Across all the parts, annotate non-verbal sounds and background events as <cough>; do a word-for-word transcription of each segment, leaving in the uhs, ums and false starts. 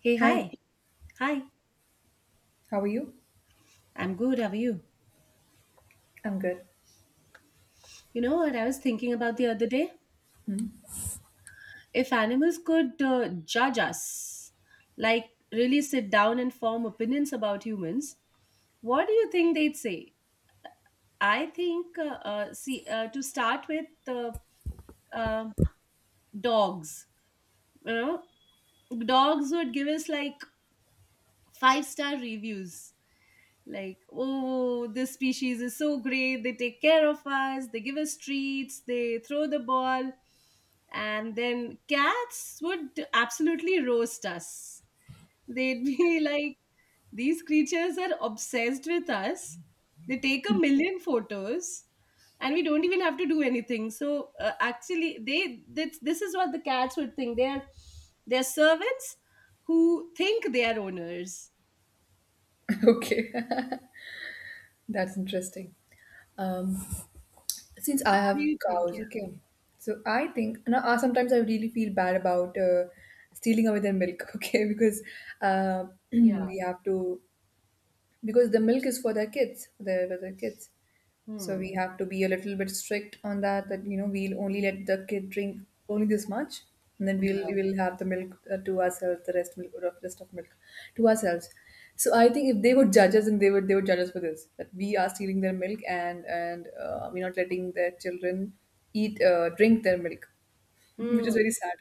Hey, Hi, hi. Hi. how are you? I'm good. How are you? I'm good. You know what I was thinking about the other day? If animals could uh, judge us, like really sit down and form opinions about humans, what do you think they'd say? I think, uh, uh, see, uh, to start with, uh, uh, dogs. You know, dogs would give us like five star reviews, like, oh, this species is so great, they take care of us, they give us treats, they throw the ball. And then cats would absolutely roast us. They'd be <laughs> like, these creatures are obsessed with us, they take a <laughs> million photos and we don't even have to do anything. So uh, actually they this, this is what the cats would think. They're they're servants who think they are owners. Okay, <laughs> that's interesting. Um, since I What do have you think? cows, Yeah. okay, so I think and I, sometimes I really feel bad about uh, stealing away their milk, <laughs> okay, because uh, <clears throat> Yeah. we have to because the milk is for their kids, for their, for their kids. So Hmm. we have to be a little bit strict on that, that you know we'll only let the kid drink only this much, and then we'll Yeah. we'll have the milk uh, to ourselves, the rest milk, or rest of milk to ourselves. So I think if they would judge us, and they would they would judge us for this, that we are stealing their milk and and uh, we're not letting their children eat uh, drink their milk, <laughs> Mm, which is very sad.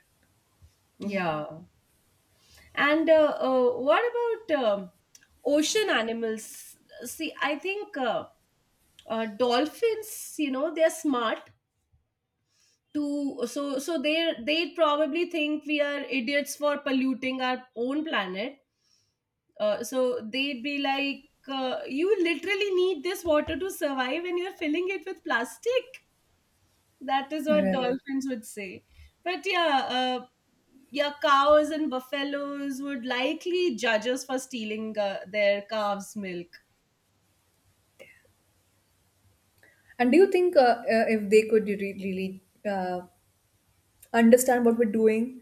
yeah. And uh, uh, what about um ocean animals? See, I think uh, uh, dolphins, you know, they're smart to so so they they probably think we are idiots for polluting our own planet. Uh, so they'd be like, uh, you literally need this water to survive and you're filling it with plastic. That is what Right. dolphins would say. But yeah, uh, yeah, cows and buffaloes would likely judge us for stealing uh, their calves' milk. And do you think uh, uh, if they could re- really uh, understand what we're doing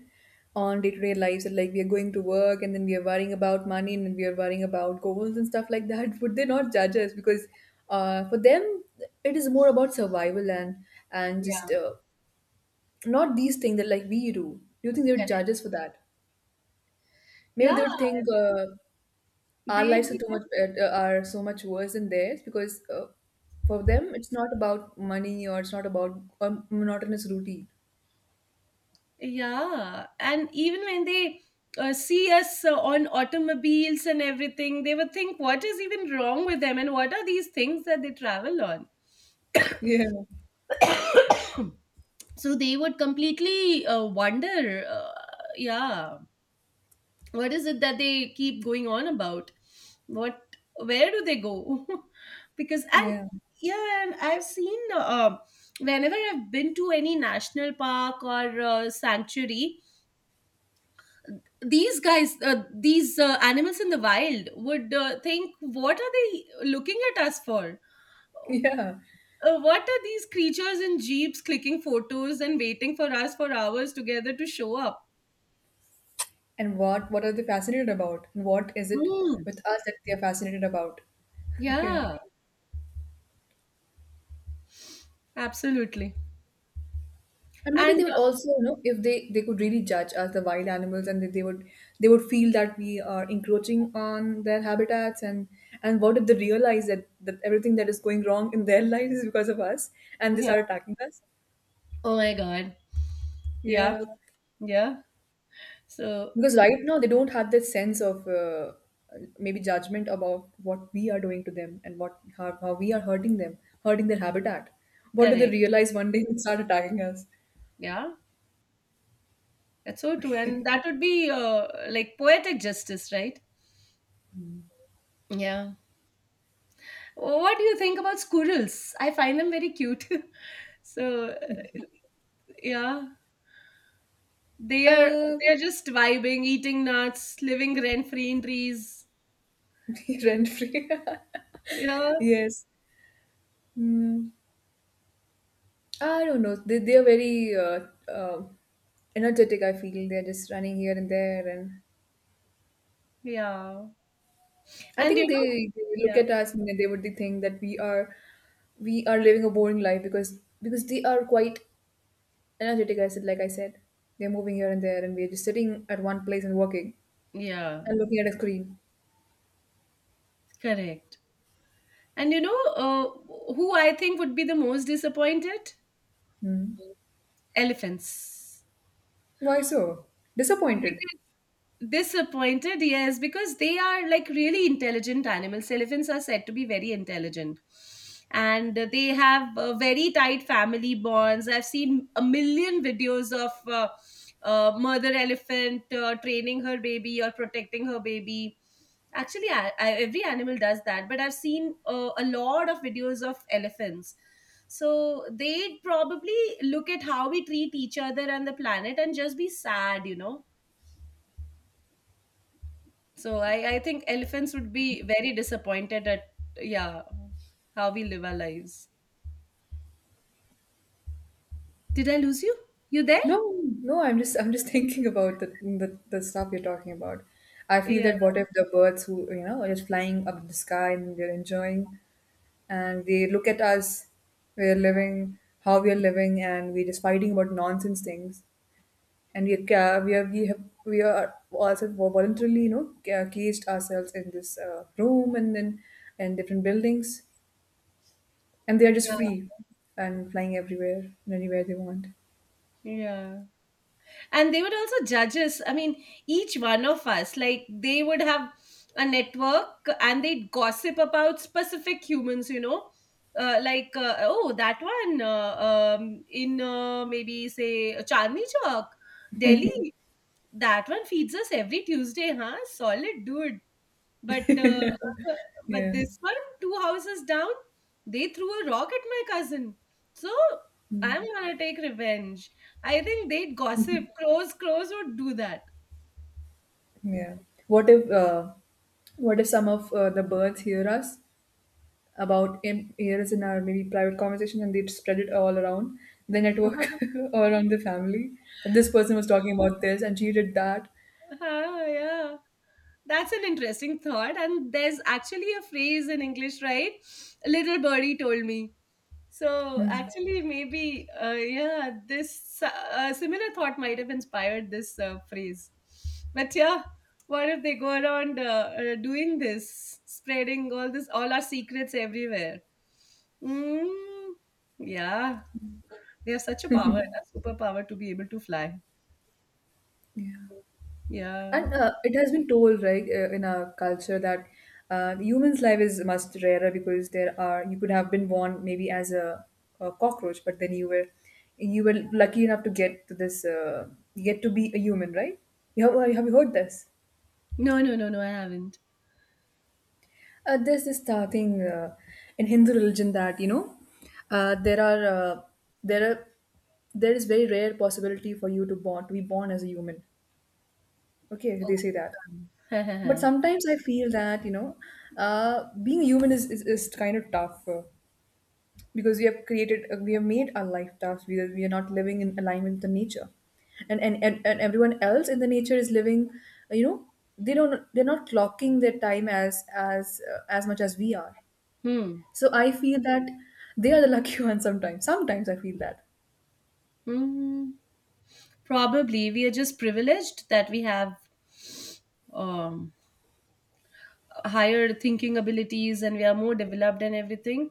on day-to-day lives, and like we are going to work, and then we are worrying about money, and then we are worrying about goals and stuff like that, <laughs> would they not judge us? Because uh, for them it is more about survival, and and just Yeah, uh, not these things that like we do. Do you think they would correct. judge us for that? Maybe Yeah, they would think uh, our they'd lives are be too like, much uh, uh, are so much worse than theirs, because uh, for them it's not about money, or it's not about a monotonous routine. yeah. And even when they uh, see us uh, on automobiles and everything, they would think, what is even wrong with them? And what are these things that they travel on? Yeah, <clears throat> So they would completely uh, wonder. Uh, yeah. What is it that they keep going on about? What? Where do they go? <laughs> Because, and yeah. yeah, and I've seen, uh, whenever I've been to any national park or uh, sanctuary, these guys, uh, these uh, animals in the wild would uh, think, what are they looking at us for? <laughs> Yeah. Uh, what are these creatures in jeeps clicking photos and waiting for us for hours together to show up? And what what are they fascinated about? And what is it Mm. with us that they are fascinated about? <laughs> Yeah. Yeah, absolutely. And maybe And they would uh, also, you know, if they they could really judge us, the wild animals, and they, they would they would feel that we are encroaching on their habitats, and and what if they realize that that everything that is going wrong in their <laughs> lives is because of us, and they Yeah. start attacking us? Oh my God. Yeah, Yeah. yeah. So Because right now they don't have that sense of uh, maybe judgment about what we are doing to them, and what how, how we are hurting them, hurting their habitat. What do they correct. realize one day and start attacking us? Yeah, that's so true. And <laughs> that would be uh, like poetic justice, right? Yeah. Oh, what do you think about squirrels? I find them very cute. <laughs> So uh, yeah, they are Uh, they are just vibing, eating nuts, living rent free in trees. <laughs> Rent free. <laughs> Yeah, Yes. Mm. I don't know. They, they are very uh, uh, energetic, I feel. They're just running here and there, and yeah. I And you think know, they, they look yeah, at us and they would think that we are we are living a boring life, because because they are quite energetic. I said, like I said, they're moving here and there, and we're just sitting at one place and working yeah, and looking at a screen. correct. And you know, uh, who I think would be the most disappointed? Hmm. Elephants. Why so disappointed? Because disappointed, yes, because they are like really intelligent animals. Elephants are said to be very intelligent and uh, they have uh, very tight family bonds. I've seen a million videos of uh, uh, mother elephant uh, training her baby or protecting her baby. Actually, I, I, every animal does that, but I've seen uh, a lot of videos of elephants. So they'd probably look at how we treat each other and the planet and just be sad, you know. So I, I think elephants would be very disappointed at, yeah, how we live our lives. Did I lose you? You there? No, no, I'm just I'm just <laughs> thinking about the, the the stuff you're talking about. I feel Yeah, that, what if the birds, who you know are just flying up in the sky and they're enjoying, and they look at us, we're living how we are living, and we're just fighting about nonsense things, and we are ca- we are we have we are also voluntarily, you know, ca- caged ourselves in this uh, room, and then and different buildings, and they are just yeah, free and flying everywhere and anywhere they want. yeah. And they would also judge us. I mean, each one of us, like they would have a network and they'd gossip about specific humans, you know. Uh, like, uh, oh, that one, uh, um, in uh, maybe say Chandni Chowk, Delhi. That one feeds us every Tuesday, huh? Solid dude. But uh, uh, but Yeah. this one, two houses down, they threw a rock at my cousin. So I'm Mm-hmm. gonna take revenge. I think they'd gossip. Crows, crows would do that. Yeah. What if uh, what if some of uh, the birds hear us about in ears in our maybe private conversation, and they spread it all around the network <laughs> <laughs> or around the family? And this person was talking about this, and she did that. Ah, yeah. That's an interesting thought. And there's actually a phrase in English, right? A little birdie told me. So Hmm. actually, maybe, uh, yeah, this uh, similar thought might have inspired this uh, phrase. But yeah, what if they go around uh, uh, doing this, spreading all this, all our secrets everywhere? Mm, yeah, they have such a power, a superpower to be able to fly. Yeah. Yeah. And uh, it has been told, right, uh, in our culture that uh, the human's life is much rarer, because there are, you could have been born maybe as a, a cockroach, but then you were you were lucky enough to get to this uh, get to be a human, right? You have, uh, have you heard this? No, no, no, no, I haven't. Uh, there's this uh, thing uh, in Hindu religion that, you know, uh, there are uh, there are there is very rare possibility for you to born to be born as a human. Okay, they say that. But Okay. <laughs> sometimes I feel that, you know, uh, being human is, is, is kind of tough, uh, because we have created, uh, we have made our life tough. We are, we are not living in alignment with the nature. And, and, and, and everyone else in the nature is living, uh, you know, they don't, they're not clocking their time as, as, uh, as much as we are. Hmm. So I feel that they are the lucky <laughs> ones, sometimes. Sometimes I feel that. Hmm. Probably we are just privileged that we have um higher thinking abilities and we are more developed and everything,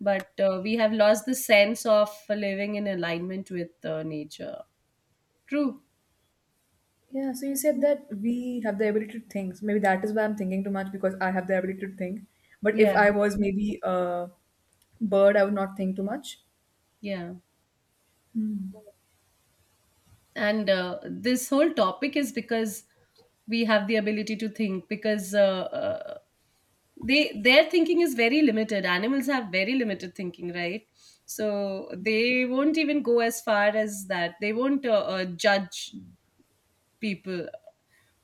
but uh, we have lost the sense of living in alignment with uh, nature. True. Yeah, so you said that we have the ability to think. So maybe that is why I'm thinking too much, because I have the ability to think. But Yeah. if I was maybe a bird, I would not think too much. Yeah, and uh, this whole topic is because we have the ability to think, because uh, uh, they their thinking is very limited. Animals have very limited thinking, right? So they won't even go as far as that. They won't uh, uh, judge people.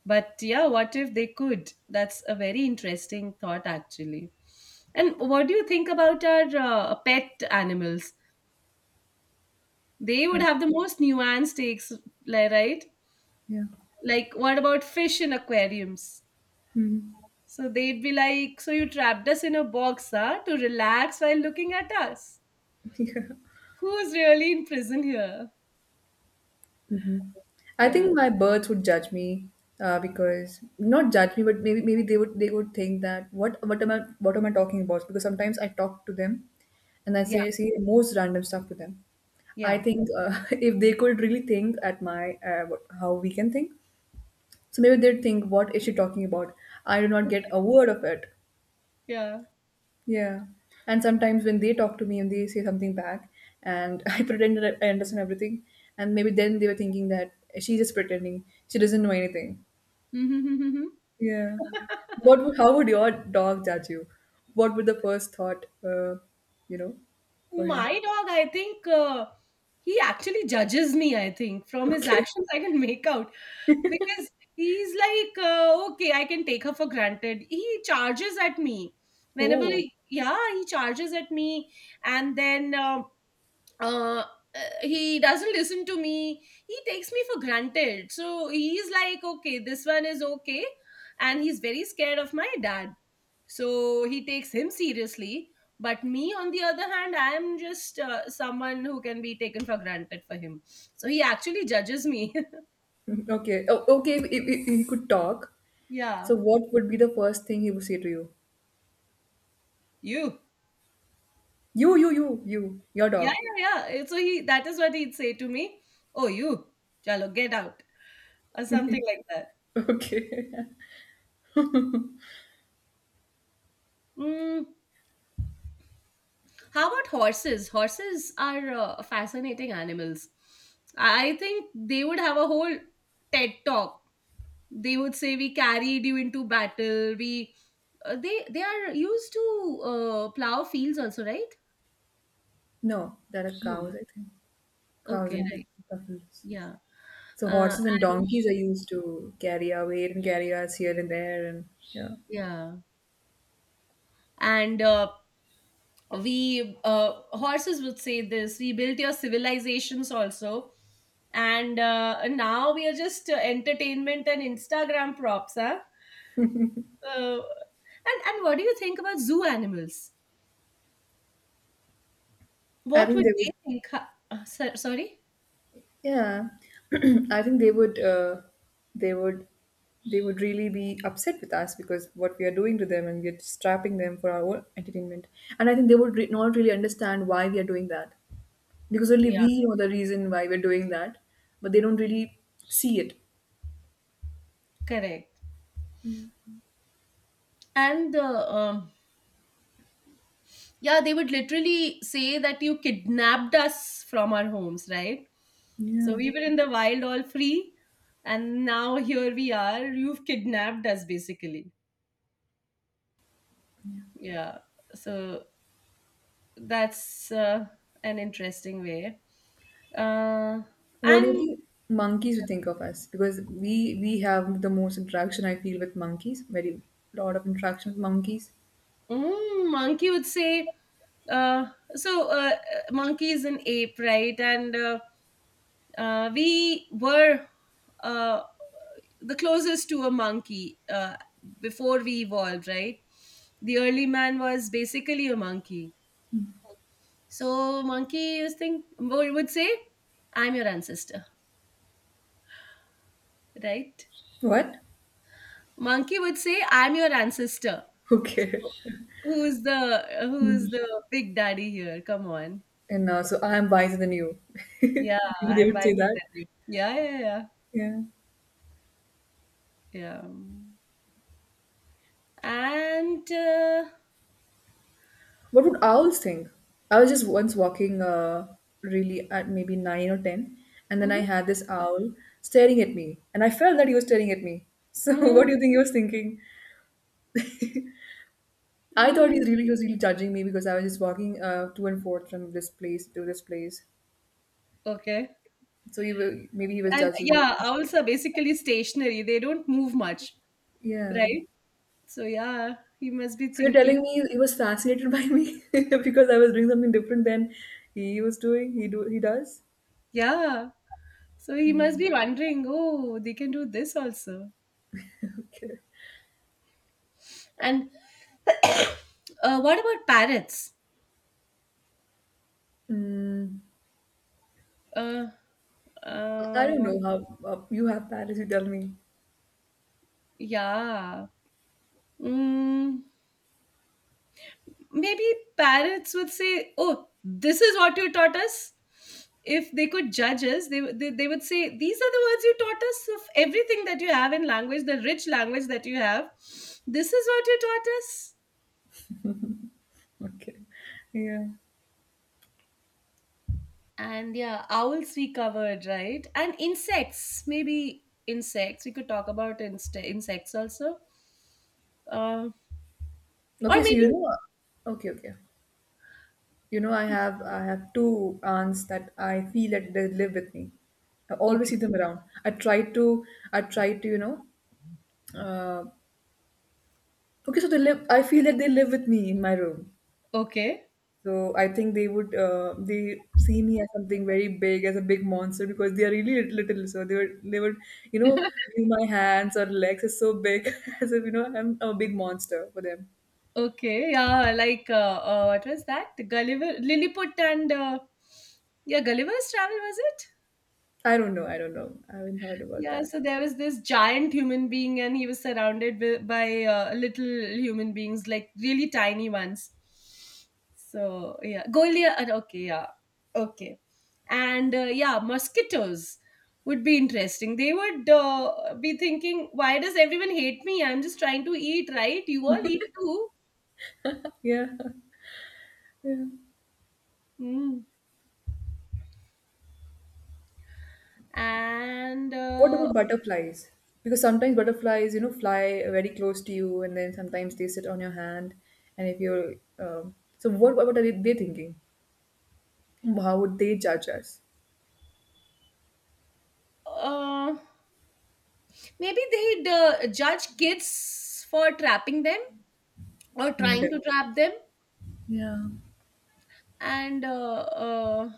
But yeah, what if they could? That's a very interesting thought, actually. And what do you think about our uh, pet animals? They would Okay. have the most nuanced takes, li- right? Yeah. Like, what about fish in aquariums? Hmm. So they'd be like, so you trapped us in a box, huh, to relax while looking at us. <laughs> Who's really in prison here? Hmm. I Yeah, think my birds would judge me, uh, because not judge me, but maybe maybe they would they would think that, what what am I what am I talking about? Because sometimes I talk to them, and I yeah, say see the most random stuff to them. I yeah, think, uh, <laughs> if they could really think at my uh, what- how we can think, so maybe they'd think, what is she talking about? I do not get a word of it. yeah. Yeah. And sometimes when they talk to me and they say something back, and <laughs> I pretend that I understand everything, and maybe then they were thinking that, she's just pretending, she doesn't know anything. <laughs> Yeah. What would, how would your dog judge you? What would the first thought, uh, you know, for him? My dog, I think, uh, he actually judges me. I think <laughs> from his Okay. actions, I can make out, because he's like, uh, okay, I can take her for granted. He charges at me whenever, Oh. he- yeah, he charges at me, and then. Um, uh, uh, he doesn't listen to me. He takes me for granted, so he's like, okay, this one is okay. And he's very scared of my dad, so he takes him seriously. But me, on the other hand, I am just uh, someone who can be taken for granted for him. So he actually judges me. Okay. Oh, okay. If, if, if he could talk, <laughs> Yeah, so what would be the first thing he would say to you? you. You, you, you, you, your Yeah, dog. yeah, yeah, so he, that is what he'd say to me. Oh, you, chalo, get out, or something like that. Okay. <laughs> Mm, how about horses? Horses are uh, fascinating animals. I think they would have a whole TED talk. They would say, we carried you into battle. We, uh, they they are used to uh, plow fields also, right? No, there are No. cows, I think. Cows Okay, and right. buffaloes. Yeah. So Uh, horses and and donkeys are used to carry our weight and carry us here and there, and yeah. yeah. And uh, we uh, horses would say this. We built your civilizations also, and uh, now we are just uh, entertainment and Instagram props, huh? Uh, and and what do you think about zoo animals? I What think would they they would. think? Huh? Uh, so- sorry? Yeah, <clears throat> I think they would. Uh, they would. They would really be upset with us, because what we are doing to them, and we're strapping them for our own entertainment. And I think they would re- not really understand why we are doing that, because only Yeah, we know the reason why we're doing that, but they don't really see it. correct. And uh, um, Yeah, they would literally say that you kidnapped us from our homes, right? So Yeah. we were in the wild all free, and now here we are. You've kidnapped us, basically. Yeah. So that's uh, an interesting way. Uh, What do you and think monkeys would think of us? Because we we have the most interaction, I feel, with monkeys. Very lot of interaction with monkeys. mm, monkey would say, uh, so uh, monkey is an ape, right? And uh, uh, we were uh, the closest to a monkey uh, before we evolved, right? The early man was basically a monkey. So monkey is think would would say, "I'm your ancestor," right? What? Monkey would say, "I'm your ancestor." <laughs> Who So cares? who's the Hmm. who's the big daddy here? Come on. And uh, so I am wiser than you. <laughs> Yeah, Maybe they I'm would wiser say that. than you. Yeah, yeah, yeah, yeah. Yeah. Yeah. And uh, What would owls think? I was just once walking, uh, really at maybe nine or ten, and then I Mhm, had this owl staring at me, and I felt that he was staring at me. So <laughs> what do mhm, you think he was thinking? I thought he mm, really he was really judging me, because I was just walking uh, to and forth from this place to this place. okay, So he will, maybe he was and judging yeah, me. owls are basically stationary. They don't move much, Yeah. right? So yeah, he must be So you're thinking. telling me he was fascinated by me, <laughs> because I was doing something different than he was doing. He do he does. <laughs> Yeah, so he must be wondering. Oh, they can do this also. Okay. And uh, what about parrots? Mm, Uh, I don't uh, know how, uh, you have parents. You tell me. yeah. Mm. Maybe parents would say, oh, this is what you taught us. If they could judge us, they, they, they would say, these are the words you taught us of everything that you have in language, the rich language that you have. This is what you taught us. Okay. Yeah. And yeah, owls we covered, right? And insects, maybe insects. We could talk about inst- insects also. Uh, or Okay. So you maybe, know. Okay. Okay. You know, I have I have two aunts that I feel that they live with me. I always okay, see them around. I try to, I try to you know. Uh, okay, so they live. I feel that they live with me in my room. okay. So I think they would, uh, they see me as something very big, as a big monster, because they are really lit- little. So they would they would you know <laughs> view my hands or legs as so big, <laughs> as if, you know, I'm a big monster for them. Okay, yeah, like, uh, uh, what was that? The Gulliver, Lilliput, and uh, yeah, Gulliver's Travel was it? I don't know. I don't know. I haven't heard about Yeah, that. so there was this giant human being, and he was surrounded with, by uh, little human beings, like really tiny ones. So yeah, Goliath. uh, Okay, yeah, okay, and uh, yeah, mosquitoes would be interesting. They would uh, be thinking, "Why does everyone hate me? I'm just trying to eat, right? You all eat too." <laughs> Yeah. Hmm. and What uh, about butterflies? Because sometimes butterflies, you know, fly very close to you, and then sometimes they sit on your hand. And if you're, um, so what? What are they, they thinking? How would they judge us? uh, Maybe they'd uh, judge kids for trapping them or Mm, trying def- to trap them. yeah, And uh, uh,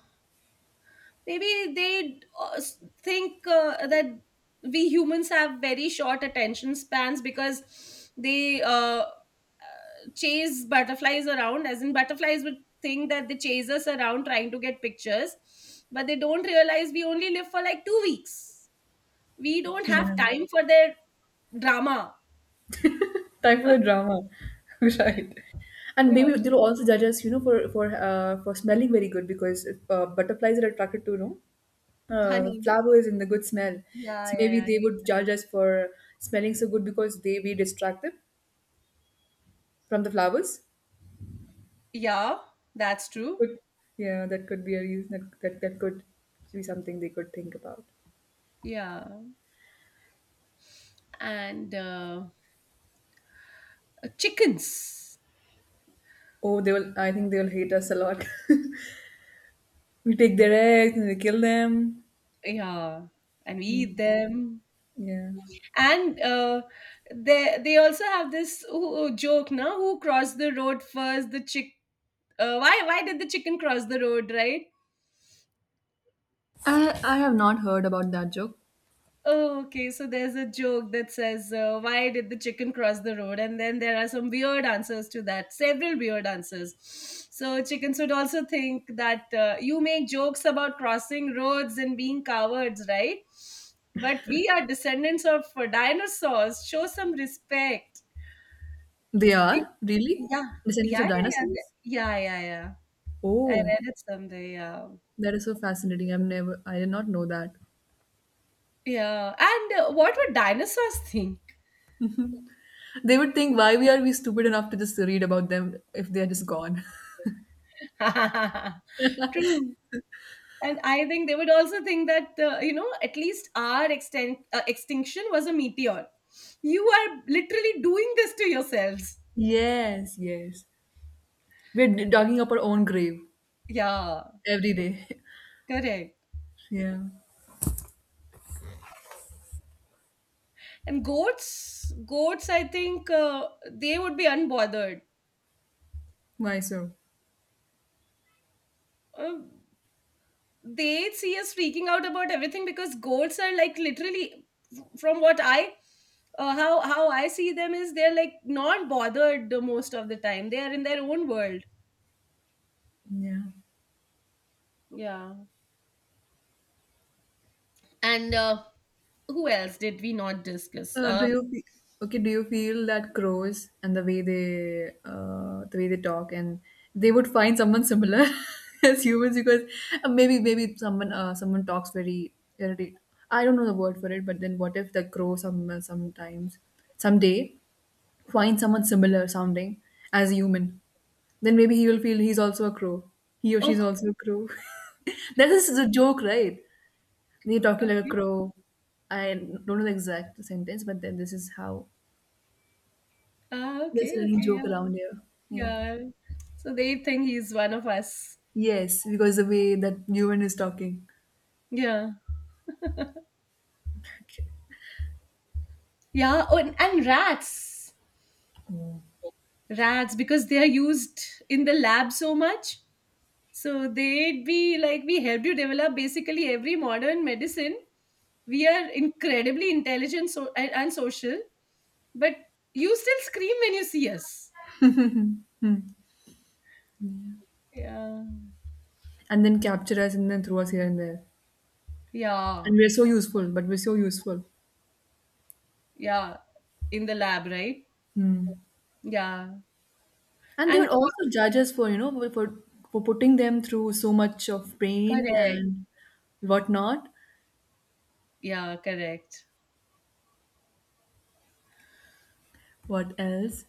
Maybe they uh, s- think uh, that we humans have very short attention spans, because they, uh, uh, chase butterflies around, as in butterflies would think that they chase us around trying to get pictures, but they don't realize we only live for like two weeks. We don't have yeah. time for their drama. Time for a drama, <laughs> right? And Yeah. maybe they'll also judge us, you know, for for uh, for smelling very good, because uh, butterflies are attracted to, you know, uh, Honey. flowers and the good smell. Yeah, So maybe yeah, yeah. they would judge us for smelling so good, because they we distract them from the flowers. Yeah, that's true. Could, yeah, that could be a reason, that, that could be something they could think about. Yeah. And uh, uh, chickens. Oh, they will. I think they will hate us a lot. <laughs> We take their eggs, and we kill them. Yeah. And we eat Mm, them. yeah, And uh, they they also have this uh, joke, now who crossed the road first, the chick, uh, why why did the chicken cross the road, right? I I have not heard about that joke. Oh, okay. So there's a joke that says, uh, "Why did the chicken cross the road?" And then there are some weird answers to that. Several weird answers. So chickens would also think that uh, you make jokes about crossing roads and being cowards, right? But we are descendants of uh, dinosaurs. Show some respect. They are really Yeah, descendants of yeah, yeah, dinosaurs. yeah, yeah, yeah. yeah. I Oh, read it someday. Yeah, that is so fascinating. I've never. I did not know that. yeah. And uh, what would dinosaurs think? They would think why we are we stupid enough to just read about them if they are just gone. <laughs> <laughs> True. and i think they would also think that uh, you know at least our extent uh, extinction was a meteor. You are literally doing this to yourselves. Yes, yes. We're d- digging up our own grave Yeah, every day. correct. <laughs> Yeah. And goats goats I think uh, they would be unbothered. Mysore. uh, they see us freaking out about everything because goats are like, literally, from what I uh, how how I see them, is they're like not bothered most of the time. They are in their own world. Yeah. Yeah. And uh, who else did we not discuss? Uh, do Uh, you fe- okay? Do you feel that crows and the way they uh, the way they talk and they would find someone similar <laughs> as humans because uh, maybe maybe someone uh, someone talks very irritate. I don't know the word for it, but then what if the crow some sometimes someday find someone similar sounding as a human? Then maybe he will feel he's also a crow. He or Oh, she's also a crow. <laughs> That is a joke, right? You're talking like a okay. crow. I don't know the exact sentence, but then this is how Ah, there's okay, a running okay, joke yeah, around here. Yeah. yeah. So they think he's one of us. Yes, because the way that human is talking. Yeah, Okay. yeah. Oh, and, and rats, rats, because they are used in the lab so much. So they'd be like, we help you develop basically every modern medicine. We are incredibly intelligent so, and, and social, but you still scream when you see us. Yeah, And then capture us and then throw us here and there. yeah, And we're so useful, but we're so useful. yeah. In the lab, right? Hmm. Yeah. And they And would also judge us for, you know, for, for for putting them through so much of pain correct. and whatnot. Yeah, correct. What else?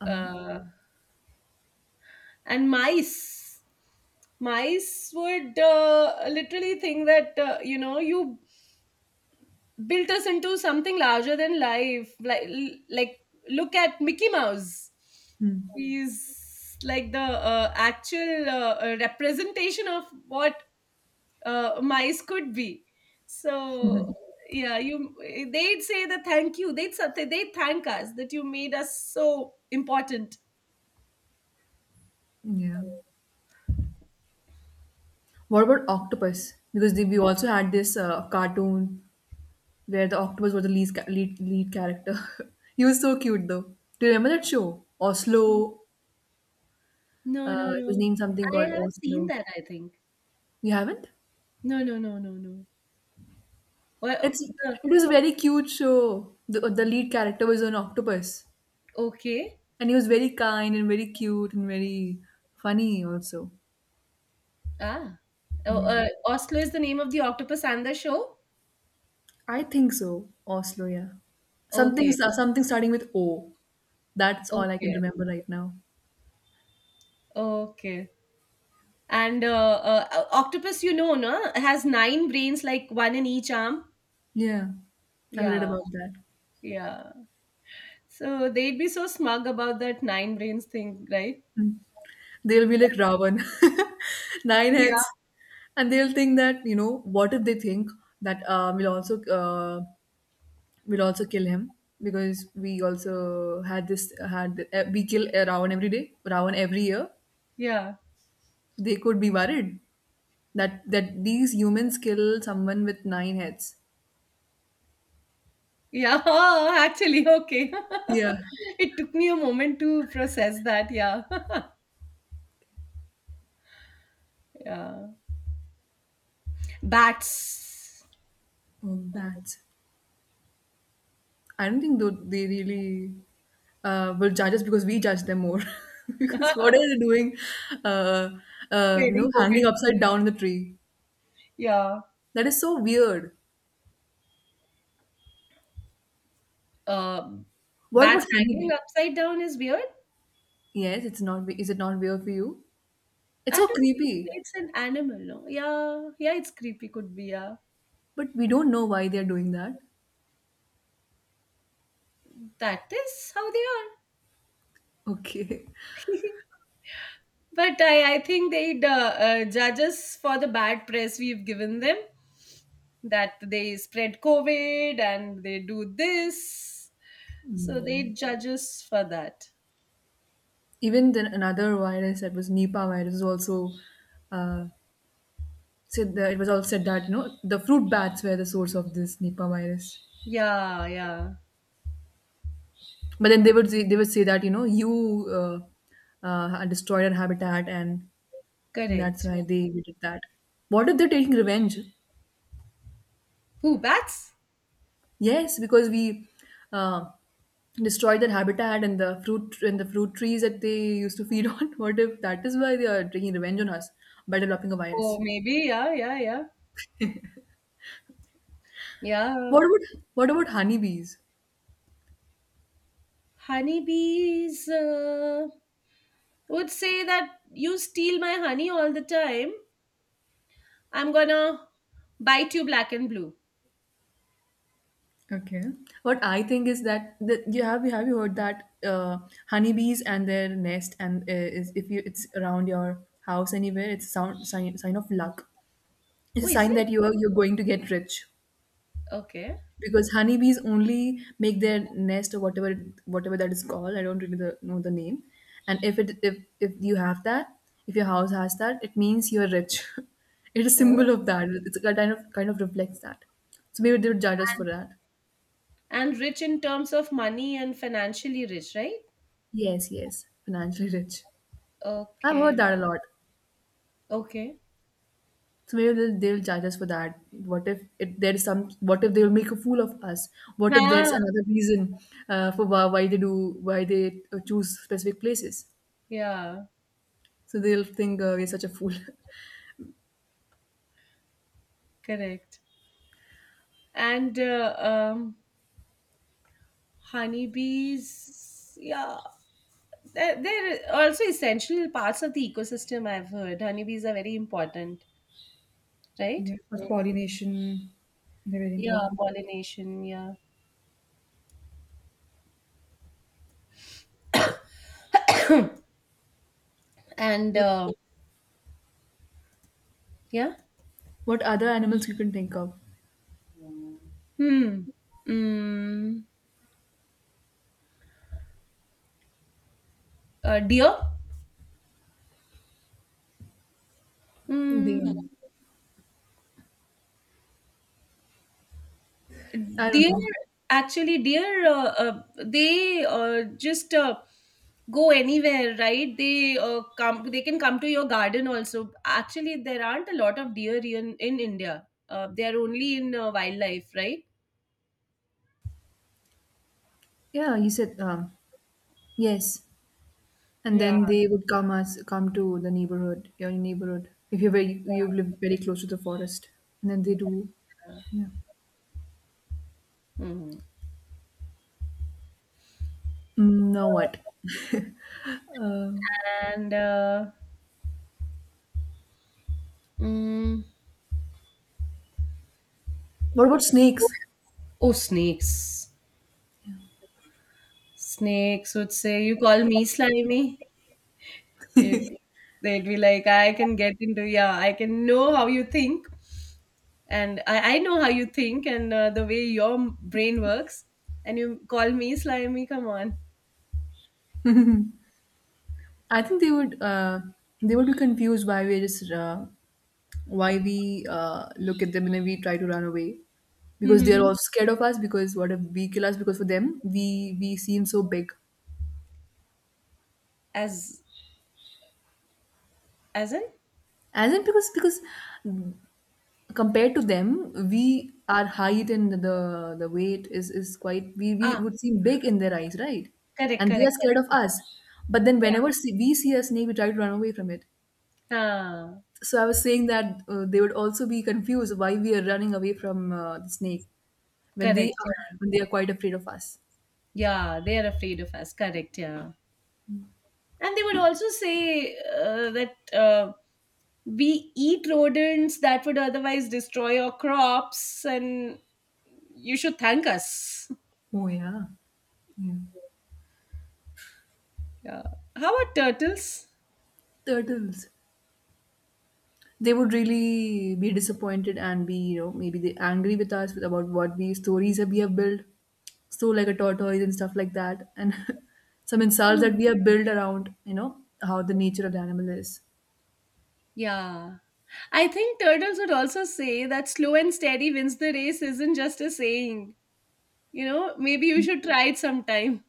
Uh, Uh, and mice, mice would uh, literally think that uh, you know you built us into something larger than life. Like, like look at Mickey Mouse. Hmm. He's like the uh, actual uh, uh, representation of what uh, mice could be. So yeah, you they'd say that, thank you. They'd say- they'd thank us that you made us so important. Yeah. What about octopus? Because they, we also had this uh, cartoon where the octopus was the lead lead, lead character. <laughs> He was so cute though. Do you remember that show? Oslo. No, no, Uh, it was no. named something I called haven't seen Oslo. that, I think. You haven't? No, no, no, no, no. Well, It's the, it was a very cute show. The the lead character was an octopus, okay. and he was very kind and very cute and very funny also. Ah. Oh, Yeah. uh, Oslo is the name of the octopus and the show? I think so. Oslo, yeah. Something Okay. something starting with O. That's all I can Okay. remember right now. Okay. And uh, uh, uh, octopus, you know, no? Has nine brains, like one in each arm. Yeah, I've read Yeah. about Yeah. So they'd be so smug about that nine brains thing, right? that. They'll be like Ravan, <laughs> nine Yeah. heads, and they'll think that, you know, what if they think that uh, we'll also uh, we'll also kill him because we also had this had uh, we kill a Ravan every day, Ravan every year. Yeah. They could be worried that that these humans kill someone with nine heads. Yeah. <laughs> Oh, actually, okay. Yeah. <laughs> It took me a moment to process that. Yeah. <laughs> Yeah. Bats Oh, bats. I don't think tho- they really uh, will judge us because we judge them more. <laughs> Because what are they doing? Uh, uh, you spreading know, hanging COVID. upside down in the tree. Yeah. That is so weird. Um, What about Bats hanging honeybee? upside down is weird. Yes, it's not. we- Is it not weird for you? It's I so don't know. creepy. It's an animal, no? Yeah. Yeah, it's creepy, could be. Yeah. But we don't know why they are doing that. <laughs> That is how they are. Okay. <laughs> But I, I think they'd uh, uh, judge us for the bad press we've given them, that they spread COVID and they do this. So they judge us for that. Even then, another virus that was Nipah virus was also uh, said that it was all said that, you know, the fruit bats were the source of this Nipah virus. Yeah, yeah. But then they would say- they would say that, you know, you uh, uh, destroyed our habitat, and, and that's Correct. why they we did that. What if they're taking revenge? Who, bats? Yes, because we uh, destroyed their habitat, and the fruit and the fruit trees that they used to feed <laughs> on. What if that is why they are taking revenge on us by developing a Oh, virus? maybe. Yeah, yeah, yeah. Yeah. What about, what about honeybees? Honeybees uh, would say that you steal my honey all the time. I'm gonna bite you black and blue. Okay. What I think is that, the, you have you have you heard that uh, honeybees and their nest and uh, is if you it's around your house anywhere, it's a sound sign sign of luck. It's Oh, a is sign it? that you are you're going to get rich Okay. because honeybees only make their nest or whatever, whatever that is called. I don't really the, know the name. And if it if if you have that, if your house has that, it means you're rich. <laughs> It's a Oh, symbol of that. It's a kind of kind of reflects that. So maybe they would judge us for and, that. and rich in terms of money and financially rich, right? Yes, yes, financially rich. I've heard Okay. that a lot. Okay. So maybe they'll, they'll charge us for that. What if it, there's some? What if they'll make a fool of us? What if Yeah. there's another reason uh, for why, why they do, why they uh, choose specific places? Yeah. So they'll think uh, we're such a fool. <laughs> Correct. And uh, um, honeybees. Yeah. There there are also essential parts of the ecosystem, I've heard. Honeybees are very important, right? Yeah, for pollination, they're very Yeah, important. pollination, yeah. And What uh, yeah. what other animals you can think of? Hmm. Mm. Uh, deer? They, Mm. um, I don't Deer, know. actually, deer, uh, uh, they uh, just uh, go anywhere, right? They uh, come. They can come to your garden also. Actually, there aren't a lot of deer in, in India. Uh, they are only in uh, wildlife, right? Yeah, you said um, yes. And Yeah. then they would come as come to the neighborhood, your neighborhood. If you very you live very close to the forest, and then they do. Yeah. Mhm. Mm, now what? <laughs> Uh, And uh, mm, what about snakes? oh, snakes, snakes would say, you call me slimy. it, They'd be like, I can get into yeah I can know how you think. And i, I know how you think and uh, the way your m- brain works, and you call me slimy, come on. I think they would uh, they would be confused why we just uh, why we uh, look at them and then we try to run away because they are all <laughs> scared of us. Because what if we kill us? Because for them, we we seem so big. as as in As in, because because compared to them, we our height and the the weight is is quite, we we ah would seem big in their eyes, right? Correct, And they correct, are scared of correct. us. But then Yeah. whenever see, we see a snake, we try to run away from it. ah, So I was saying that uh, they would also be confused why we are running away from uh, the snake when Correct, they are, yeah. when they are quite afraid of us. Yeah, they're afraid of us, correct, yeah. And they would also say uh, that uh, we eat rodents that would otherwise destroy our crops, and you should thank us. Oh yeah, yeah. Yeah. How about turtles? Turtles. They would really be disappointed and be, you know, maybe they angry with us with about what we stories that we have built, so like a tortoise and stuff like that, and <laughs> some insults that Hmm. we have built around, you know, how the nature of the animal is. Yeah, I think turtles would also say that slow and steady wins the race isn't just a saying, you know, maybe you should try it sometime.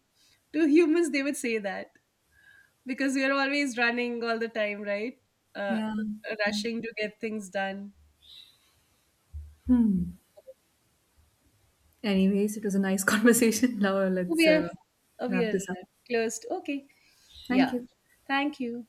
To humans, they would say that because we are always running all the time, right? uh, Yeah, yeah. Rushing to get things done. Hmm. Anyways, it was a nice <laughs> conversation. Now let's We uh, are, we wrap are this up. closed. Okay. Thank Yeah. you. Thank you.